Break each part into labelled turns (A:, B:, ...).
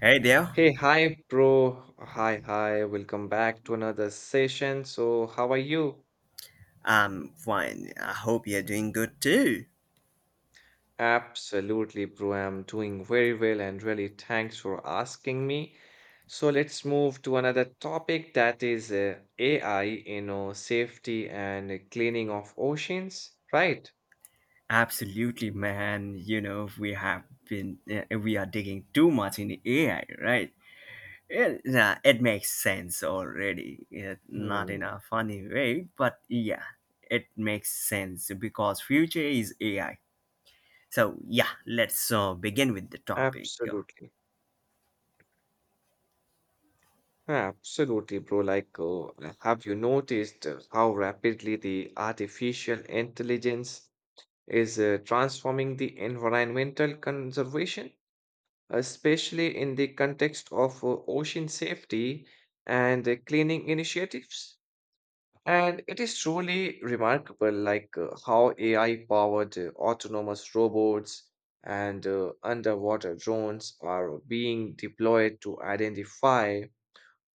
A: Hey there.
B: Hey, hi, bro. Hi, hi. Welcome back to another session. So, how are you?
A: I'm fine. I hope you're doing good too.
B: Absolutely, bro. I'm doing very well and really thanks for asking me. So, let's move to another topic that is AI, you know, safety and cleaning of oceans, right?
A: Absolutely, man. You know, we have been, we are digging too much in AI, right? It, nah, it makes sense already. Yeah, not in
B: Hmm,
A: a funny way, but yeah, it makes sense because future is AI. So yeah, let's begin with the topic. You
B: absolutely. Absolutely, bro. Have you noticed how rapidly the artificial intelligence is transforming the environmental conservation, especially in the context of ocean safety and cleaning initiatives. And it is truly remarkable, like how AI-powered autonomous robots and underwater drones are being deployed to identify,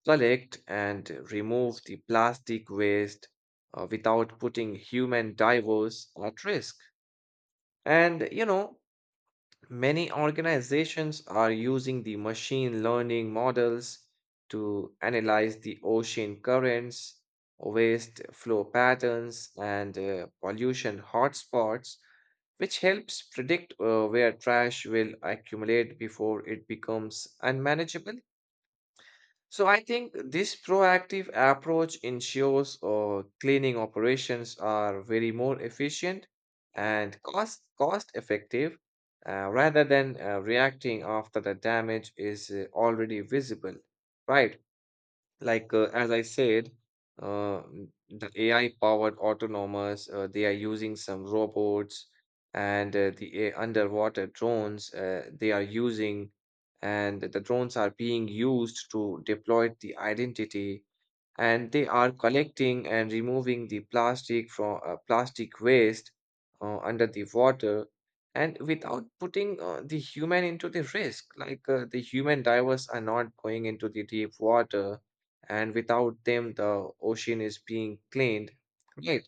B: collect, and remove the plastic waste without putting human divers at risk. And you know, many organizations are using the machine learning models to analyze the ocean currents, waste flow patterns, and pollution hotspots, which helps predict where trash will accumulate before it becomes unmanageable. So I think this proactive approach ensures cleaning operations are very more efficient and cost effective rather than reacting after the damage is already visible, right? Like as I said, the AI-powered autonomous, they are using some robots and the underwater drones they are using, and the drones are being used to deploy the identity and they are collecting and removing the plastic from plastic waste under the water and without putting the human into the risk like the human divers are not going into the deep water and without them the ocean is being cleaned, right?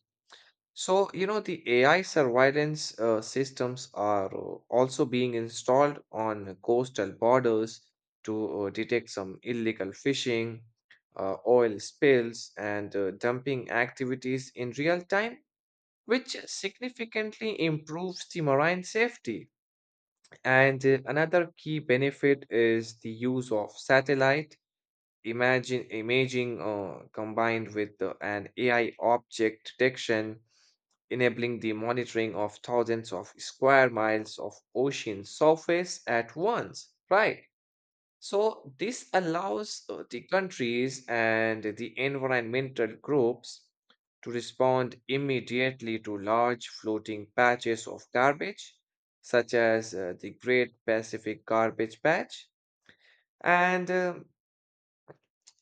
B: So, you know, the AI surveillance systems are also being installed on coastal borders to detect some illegal fishing, oil spills, and dumping activities in real time, which significantly improves the marine safety. And another key benefit is the use of satellite imagine imaging combined with an AI object detection enabling the monitoring of thousands of square miles of ocean surface at once, right? So, this allows the countries and the environmental groups to respond immediately to large floating patches of garbage, such as the Great Pacific Garbage Patch. And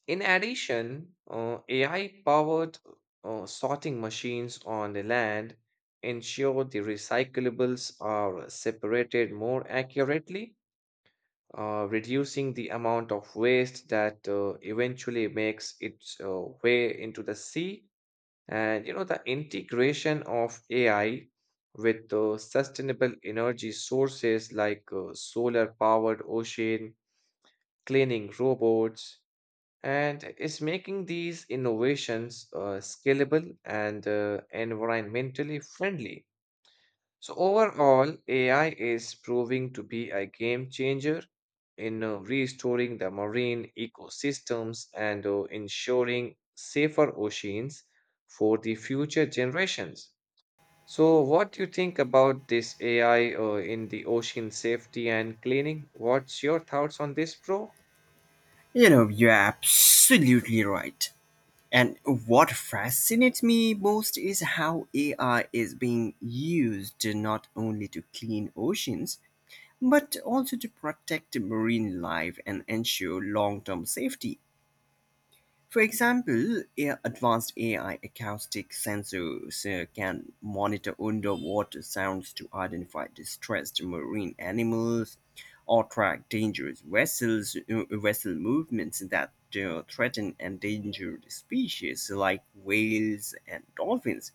B: in addition, AI powered sorting machines on the land ensure the recyclables are separated more accurately, reducing the amount of waste that eventually makes its way into the sea. And you know, the integration of AI with sustainable energy sources like solar powered ocean cleaning robots and is making these innovations scalable and environmentally friendly. So, overall, AI is proving to be a game changer in restoring the marine ecosystems and ensuring safer oceans for the future generations. So, what do you think about this AI in the ocean safety and cleaning? What's your thoughts on this, bro?
A: know, you're absolutely right. And what fascinates me most is how AI is being used not only to clean oceans, but also to protect marine life and ensure long term safety. For example, advanced AI acoustic sensors can monitor underwater sounds to identify distressed marine animals or track dangerous vessel movements that threaten endangered species like whales and dolphins.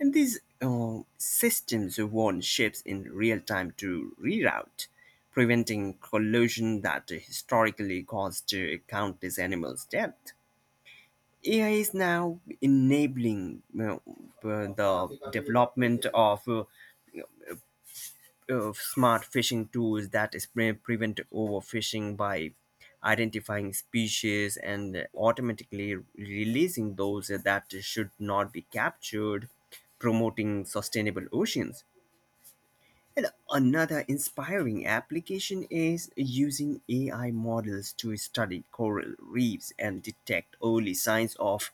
A: And these systems warn ships in real time to reroute, preventing collision that historically caused countless animals' death. AI is now enabling the development of smart fishing tools that prevent overfishing by identifying species and automatically releasing those that should not be captured, promoting sustainable oceans. And another inspiring application is using AI models to study coral reefs and detect early signs of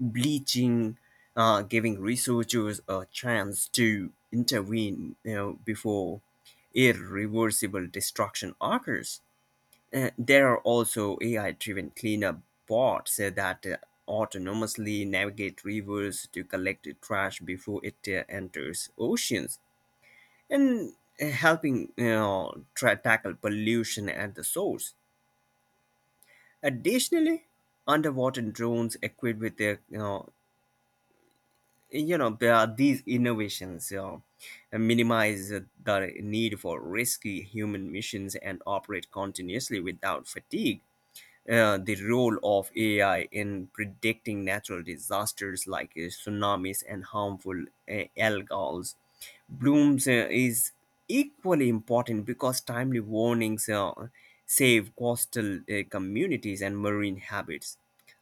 A: bleaching, giving researchers a chance to intervene, you know, before irreversible destruction occurs. There are also AI driven cleanup bots that autonomously navigate rivers to collect trash before it enters oceans and helping, you know, tackle pollution at the source. Additionally, underwater drones equipped with their, you know, you know, there are these innovations minimize the need for risky human missions and operate continuously without fatigue. Uh, the role of AI in predicting natural disasters like tsunamis and harmful algals. Blooms is equally important because timely warnings save coastal communities and marine habits.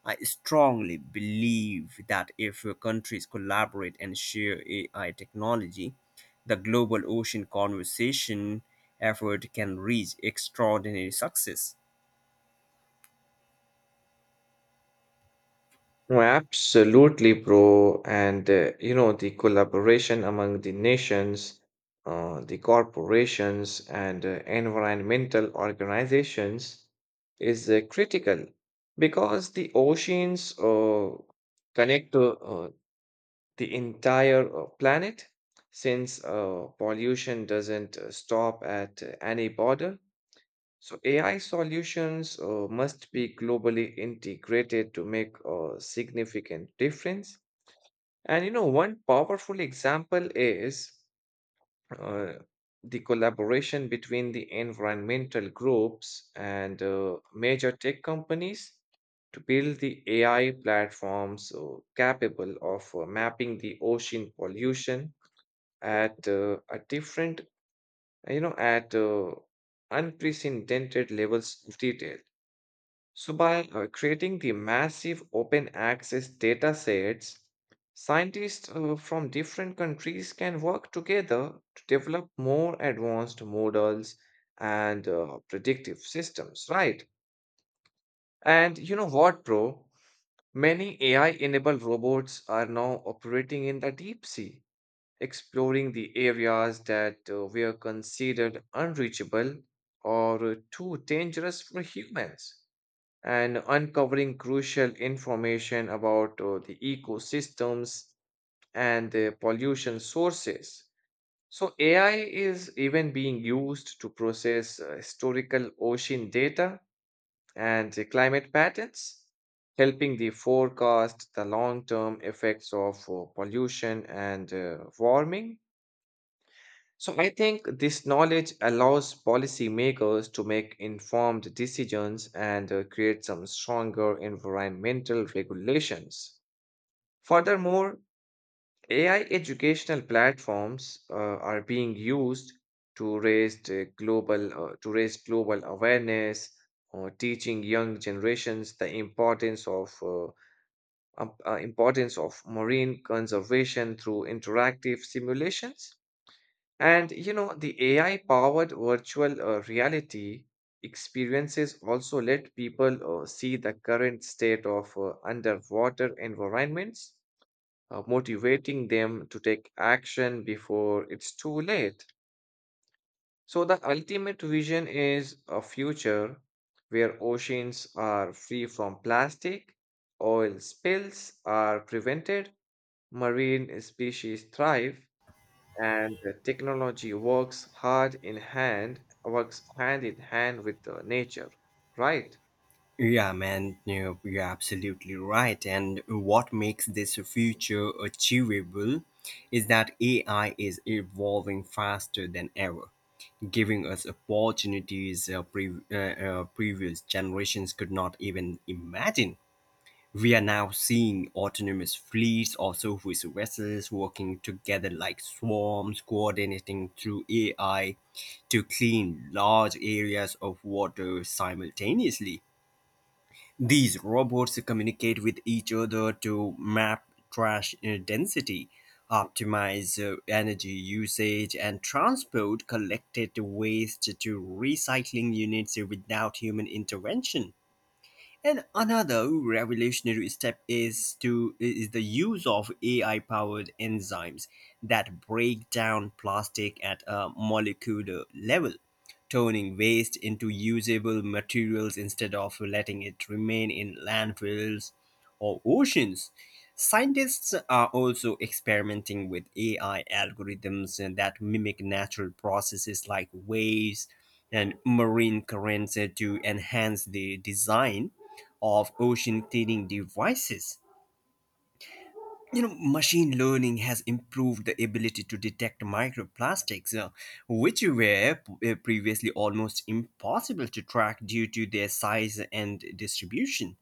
A: I strongly believe that if countries collaborate and share AI technology, the global ocean conservation effort can reach extraordinary success.
B: Oh, absolutely, bro. And you know, the collaboration among the nations, the corporations, and environmental organizations is critical because the oceans connect to the entire planet since pollution doesn't stop at any border. So AI solutions must be globally integrated to make a significant difference. And you know, one powerful example is uh, the collaboration between the environmental groups and major tech companies to build the AI platforms capable of mapping the ocean pollution at a different, you know, at unprecedented levels of detail. So, by creating the massive open access data sets, scientists from different countries can work together to develop more advanced models and predictive systems, right? And you know what, bro? Many AI enabled robots are now operating in the deep sea, exploring the areas that were considered unreachable or too dangerous for humans and uncovering crucial information about the ecosystems and the pollution sources. So, AI is even being used to process historical ocean data and the climate patterns, helping the forecast the long term effects of pollution and warming. So I think this knowledge allows policymakers to make informed decisions and create some stronger environmental regulations. Furthermore, AI educational platforms are being used to raise global awareness or teaching young generations the importance of marine conservation through interactive simulations. And you know, the AI powered virtual reality experiences also let people see the current state of underwater environments, motivating them to take action before it's too late. So, the ultimate vision is a future where oceans are free from plastic, oil spills are prevented, marine species thrive, and the technology works hand in hand with the nature, right?
A: Yeah, man, no, you're absolutely right. And what makes this future achievable is that AI is evolving faster than ever, giving us opportunities previous generations could not even imagine. We are now seeing autonomous fleets or surface vessels working together like swarms, coordinating through AI to clean large areas of water simultaneously. These robots communicate with each other to map trash density, optimize energy usage, and transport collected waste to recycling units without human intervention. And another revolutionary step is the use of AI powered enzymes that break down plastic at a molecular level, turning waste into usable materials instead of letting it remain in landfills or oceans. Scientists are also experimenting with AI algorithms that mimic natural processes like waves and marine currents to enhance the design of ocean cleaning devices. You know, machine learning has improved the ability to detect microplastics, which were previously almost impossible to track due to their size and distribution.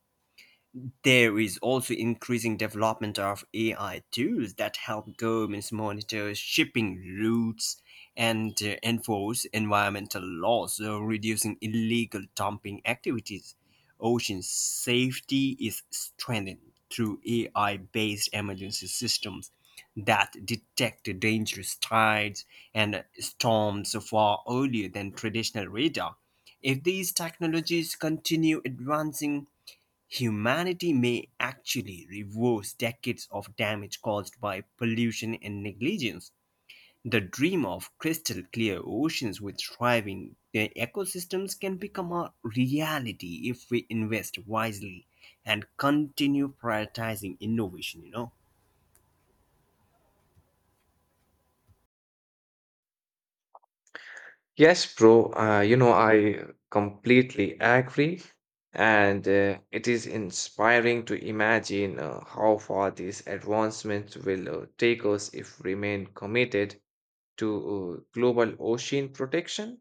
A: There is also increasing development of AI tools that help governments monitor shipping routes and enforce environmental laws, reducing illegal dumping activities. Ocean safety is strengthened through AI based emergency systems that detect dangerous tides and storms far earlier than traditional radar. If these technologies continue advancing, humanity may actually reverse decades of damage caused by pollution and negligence. The dream of crystal clear oceans with thriving ecosystems can become a reality if we invest wisely and continue prioritizing innovation, you know.
B: Yes, bro. You know, I completely agree, and it is inspiring to imagine how far these advancements will take us if we remain committed to global ocean protection.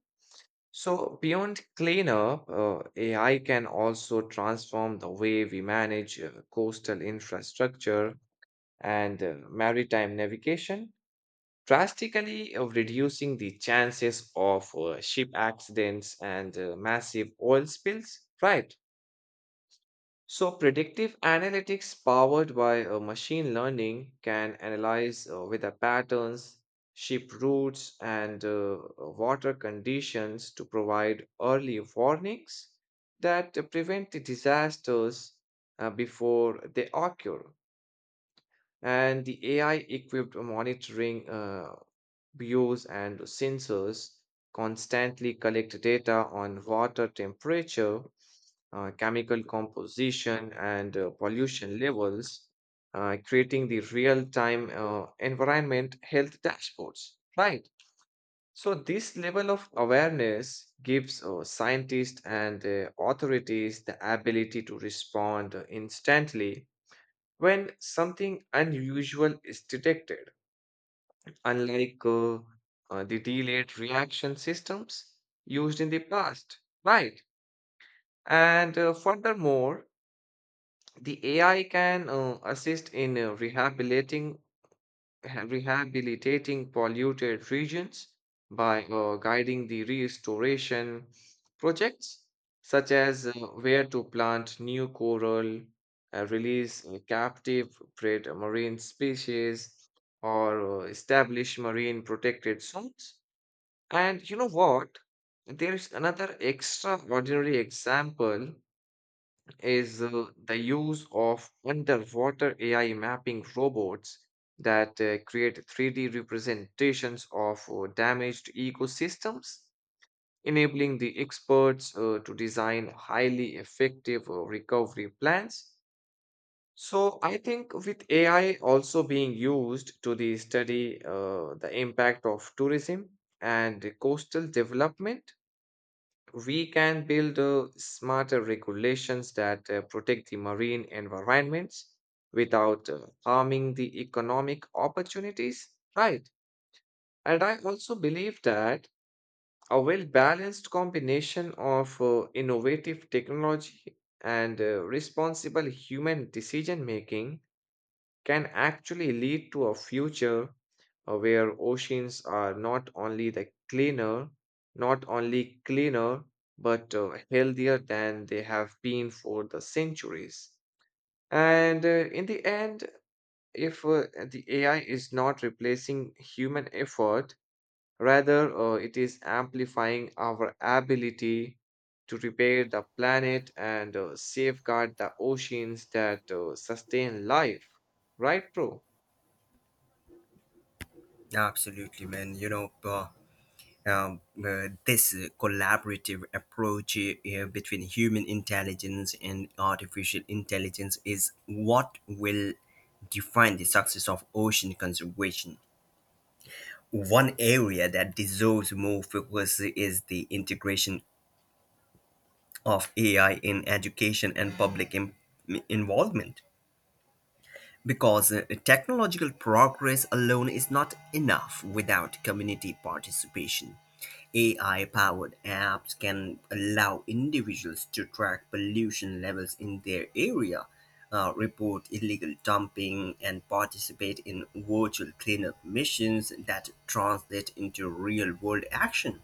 B: So beyond cleanup, AI can also transform the way we manage coastal infrastructure and maritime navigation, drastically reducing the chances of ship accidents and massive oil spills. Right. So, predictive analytics powered by machine learning can analyze weather patterns, ship routes, and water conditions to provide early warnings that prevent the disasters before they occur. And the AI-equipped monitoring buoys and sensors constantly collect data on water temperature, chemical composition, and pollution levels, creating the real-time environment health dashboards. Right. So this level of awareness gives scientists and authorities the ability to respond instantly when something unusual is detected, unlike the delayed reaction systems used in the past, right? And furthermore, the AI can assist in rehabilitating polluted regions by guiding the restoration projects, such as where to plant new coral, release captive prey marine species, or establish marine protected zones. And you know what? There is another extraordinary example is the use of underwater AI mapping robots that create 3D representations of damaged ecosystems, enabling the experts to design highly effective recovery plans. So, I think with AI also being used to the study the impact of tourism and coastal development, we can build smarter regulations that protect the marine environments without harming the economic opportunities, right? And I also believe that a well balanced combination of innovative technology and responsible human decision making can actually lead to a future where oceans are not only cleaner, but healthier than they have been for the centuries. And in the end, if the AI is not replacing human effort, rather it is amplifying our ability to repair the planet and safeguard the oceans that sustain life. Right, bro?
A: Absolutely, man. This collaborative approach between human intelligence and artificial intelligence is what will define the success of ocean conservation. One area that deserves more focus is the integration of AI in education and public involvement. Because technological progress alone is not enough without community participation. AI powered apps can allow individuals to track pollution levels in their area, report illegal dumping, and participate in virtual cleanup missions that translate into real world action.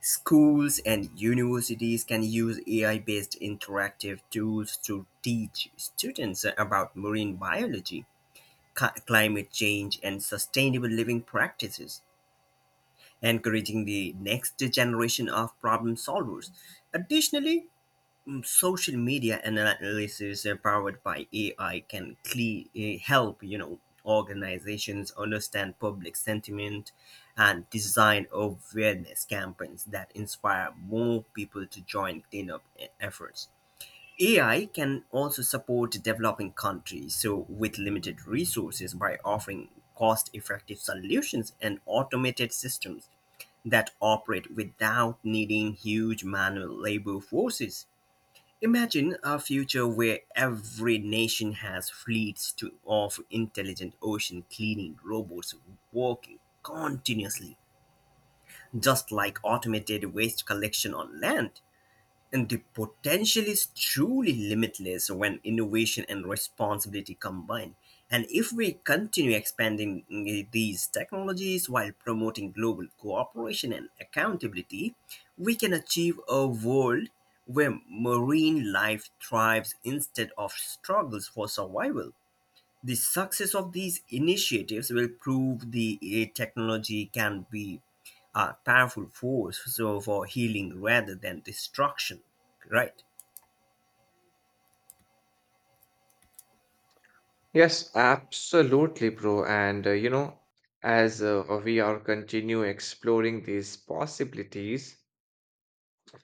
A: Schools and universities can use AI based interactive tools to teach students about marine biology, climate change, and sustainable living practices, encouraging the next generation of problem solvers. Additionally, social media analysis powered by AI can help, you know, organizations understand public sentiment and design awareness campaigns that inspire more people to join cleanup efforts. AI can also support developing countries so with limited resources by offering cost-effective solutions and automated systems that operate without needing huge manual labor forces. Imagine a future where every nation has of intelligent ocean cleaning robots working continuously, just like automated waste collection on land. And the potential is truly limitless when innovation and responsibility combine. And if we continue expanding these technologies while promoting global cooperation and accountability, we can achieve a world where marine life thrives instead of struggles for survival. The success of these initiatives will prove the technology can be a powerful force so for healing rather than destruction, right?
B: Yes, absolutely, bro. And you know, as we are continue exploring these possibilities,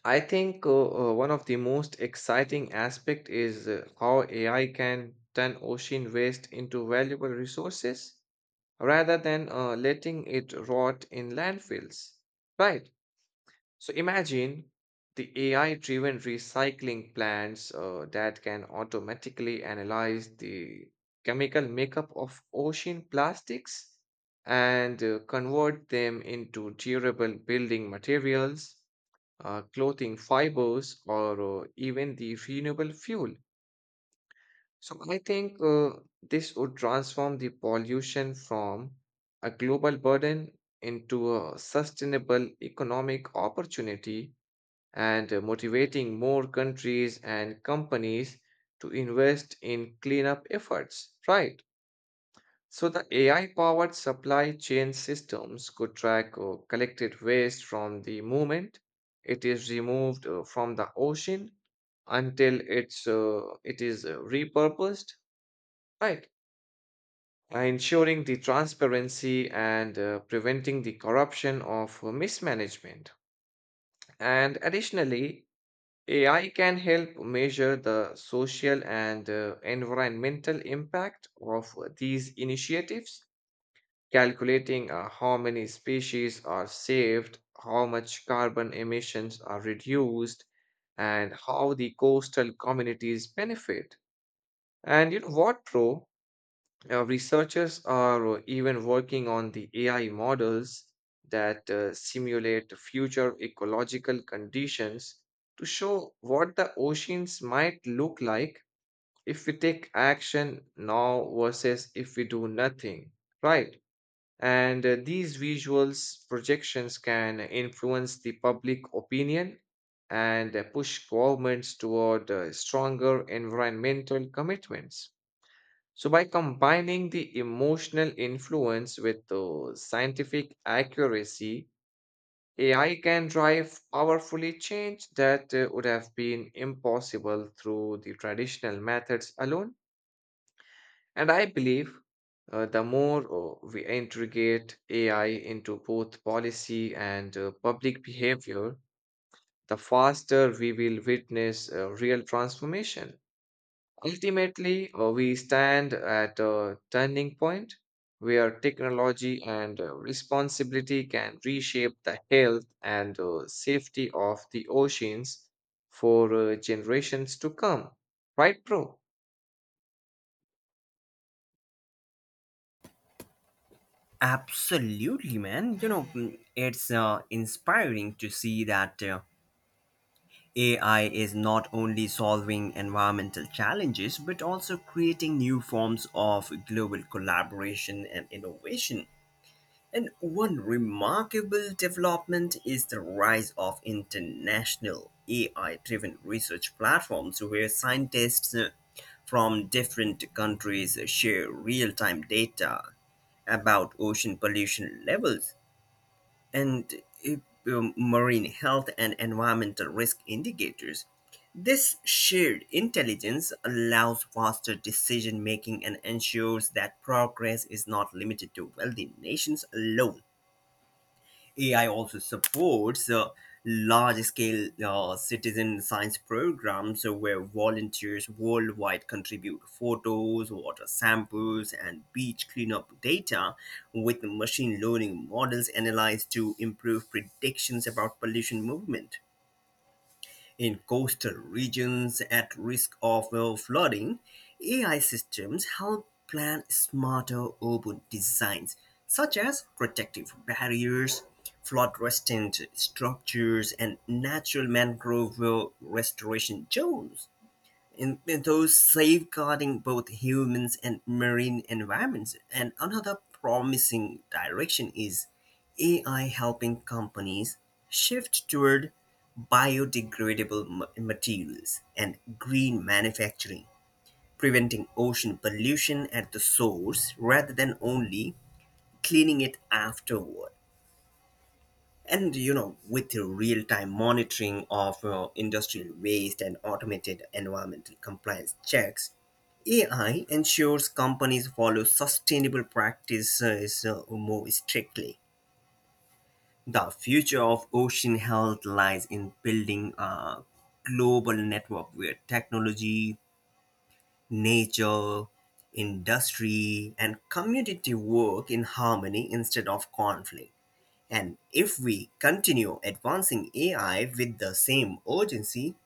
B: I think one of the most exciting aspect is how AI can turn ocean waste into valuable resources rather than letting it rot in landfills. Right. So imagine the AI-driven recycling plants that can automatically analyze the chemical makeup of ocean plastics and convert them into durable building materials, clothing fibers, or even the renewable fuel. So I think this would transform the pollution from a global burden into a sustainable economic opportunity and motivating more countries and companies to invest in cleanup efforts, right? So, the AI powered supply chain systems could track collected waste from the moment it is removed from the ocean until it is repurposed, right? Ensuring the transparency and preventing the corruption of mismanagement. And additionally, AI can help measure the social and environmental impact of these initiatives, calculating how many species are saved, how much carbon emissions are reduced, and how the coastal communities benefit. And you know what, bro? Researchers are even working on the AI models that simulate future ecological conditions to show what the oceans might look like if we take action now versus if we do nothing, right? And these visuals projections can influence the public opinion and push governments toward stronger environmental commitments. So, by combining the emotional influence with the scientific accuracy, AI can drive powerfully change that would have been impossible through the traditional methods alone. And I believe the more we integrate AI into both policy and public behavior, the faster we will witness real transformation. Ultimately, we stand at a turning point where technology and responsibility can reshape the health and safety of the oceans for generations to come. Right, bro?
A: Absolutely, man. You know, it's inspiring to see that AI is not only solving environmental challenges but also creating new forms of global collaboration and innovation. And one remarkable development is the rise of international AI driven research platforms where scientists from different countries share real time data about ocean pollution levels and uh, marine health and environmental risk indicators. This shared intelligence allows faster decision making and ensures that progress is not limited to wealthy nations alone. AI also supports large scale citizen science programs where volunteers worldwide contribute photos, water samples, and beach cleanup data with machine learning models analyzed to improve predictions about pollution movement. In coastal regions at risk of flooding, AI systems help plan smarter urban designs, such as protective barriers, flood resistant structures, and natural mangrove restoration zones and those safeguarding both humans and marine environments. And another promising direction is AI helping companies shift toward biodegradable materials and green manufacturing, preventing ocean pollution at the source rather than only cleaning it afterward. And you know, with the real time monitoring of industrial waste and automated environmental compliance checks, AI ensures companies follow sustainable practices more strictly. The future of ocean health lies in building a global network where technology, nature, industry, and community work in harmony instead of conflict. And if we continue advancing AI with the same urgency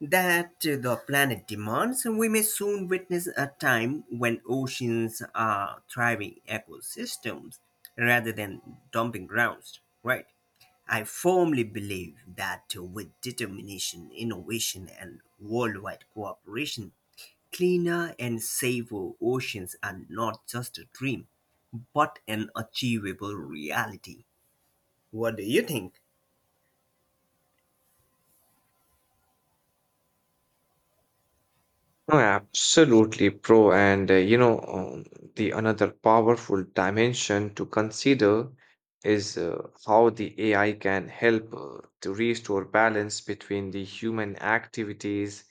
A: that the planet demands, we may soon witness a time when oceans are thriving ecosystems rather than dumping grounds, right? I firmly believe that with determination, innovation, and worldwide cooperation, cleaner and safer oceans are not just a dream, but an achievable reality. What do you think?
B: No, absolutely, bro. And you know, the another powerful dimension to consider is how the AI can help to restore balance between the human activities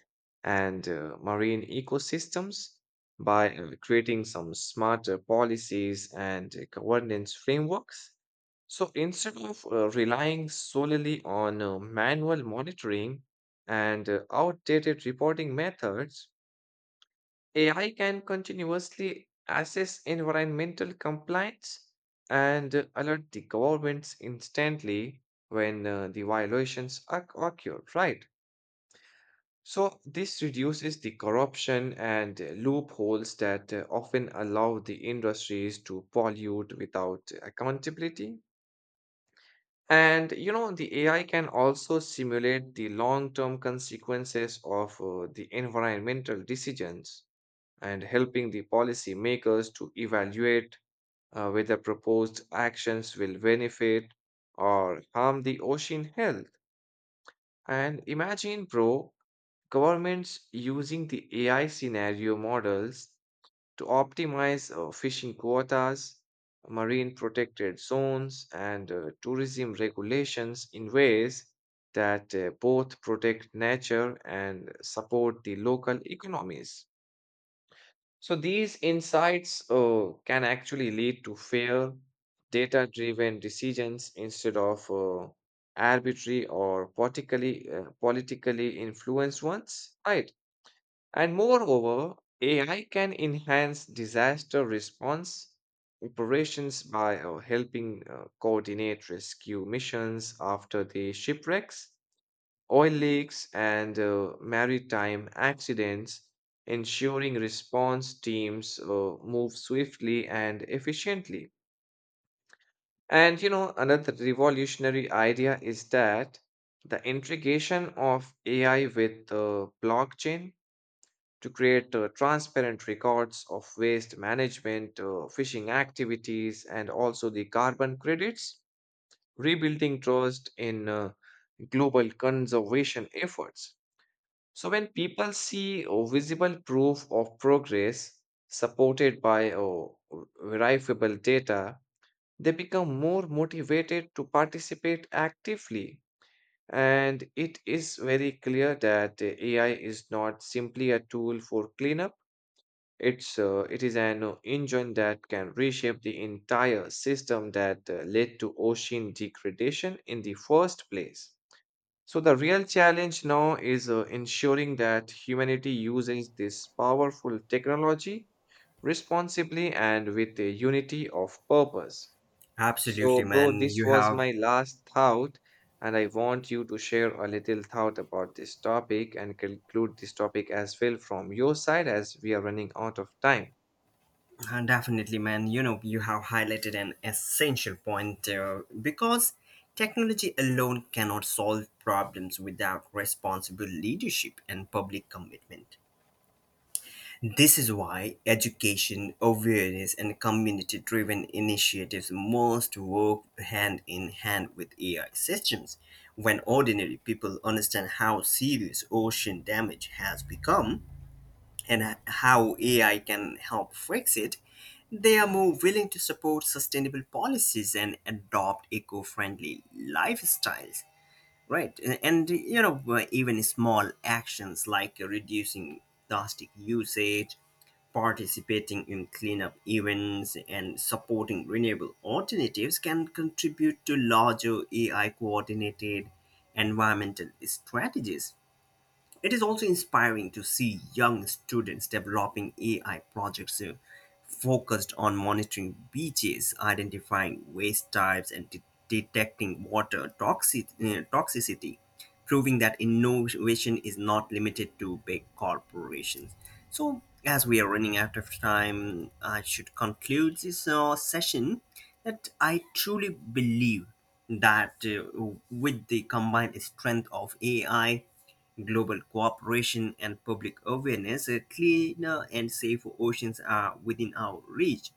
B: and marine ecosystems by creating some smarter policies and governance frameworks. So instead of relying solely on manual monitoring and outdated reporting methods, AI can continuously assess environmental compliance and alert the governments instantly when the violations occur, right? So, this reduces the corruption and loopholes that often allow the industries to pollute without accountability. And you know, the AI can also simulate the long term consequences of the environmental decisions and helping the policymakers to evaluate whether proposed actions will benefit or harm the ocean health. And imagine, bro, governments using the AI scenario models to optimize fishing quotas, marine protected zones, and tourism regulations in ways that both protect nature and support the local economies. So these insights can actually lead to fair, data-driven decisions instead of arbitrary or politically influenced ones, right? And moreover, AI can enhance disaster response operations by helping coordinate rescue missions after the shipwrecks, oil leaks, and maritime accidents, ensuring response teams move swiftly and efficiently. And you know, another revolutionary idea is that the integration of AI with blockchain to create transparent records of waste management, fishing activities, and also the carbon credits, rebuilding trust in global conservation efforts. So when people see a visible proof of progress supported by verifiable data, they become more motivated to participate actively. And it is very clear that the AI is not simply a tool for cleanup. It is an engine that can reshape the entire system that led to ocean degradation in the first place. So the real challenge now is ensuring that humanity uses this powerful technology responsibly and with a unity of purpose. So,
A: Absolutely,
B: bro,
A: man.
B: this
A: You
B: was
A: have
B: my last thought, and I want you to share a little thought about this topic and conclude this topic as well from your side as we are running out of time.
A: Definitely, man. You know, you have highlighted an essential point because technology alone cannot solve problems without responsible leadership and public commitment. This is why education, awareness, and community driven initiatives must work hand in hand with AI systems. When ordinary people understand how serious ocean damage has become, and how AI can help fix it, they are more willing to support sustainable policies and adopt eco-friendly lifestyles, right? And, you know, even small actions like reducing plastic usage, participating in cleanup events, and supporting renewable alternatives can contribute to larger AI-coordinated environmental strategies. It is also inspiring to see young students developing AI projects focused on monitoring beaches, identifying waste types, and detecting water toxicity, proving that innovation is not limited to big corporations. So, as we are running out of time, I should conclude this session that I truly believe that with the combined strength of AI, global cooperation and public awareness, cleaner and safer oceans are within our reach.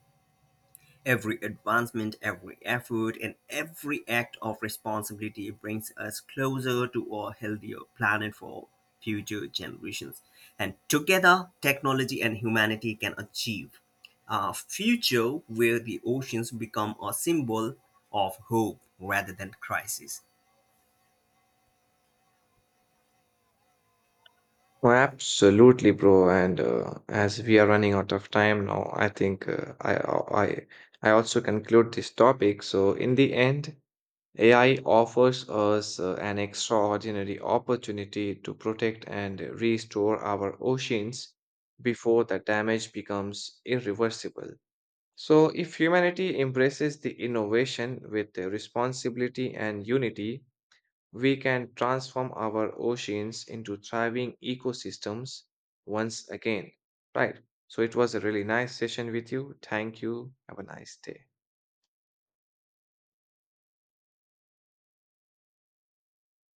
A: Every advancement, every effort, and every act of responsibility brings us closer to a healthier planet for future generations. And together, technology and humanity can achieve a future where the oceans become a symbol of hope rather than crisis.
B: Oh, absolutely, bro. And as we are running out of time now, I think I I also conclude this topic. So in the end, AI offers us an extraordinary opportunity to protect and restore our oceans before the damage becomes irreversible. So if humanity embraces the innovation with the responsibility and unity, we can transform our oceans into thriving ecosystems once again. Right. So it was a really nice session with you. Thank you. Have a nice day.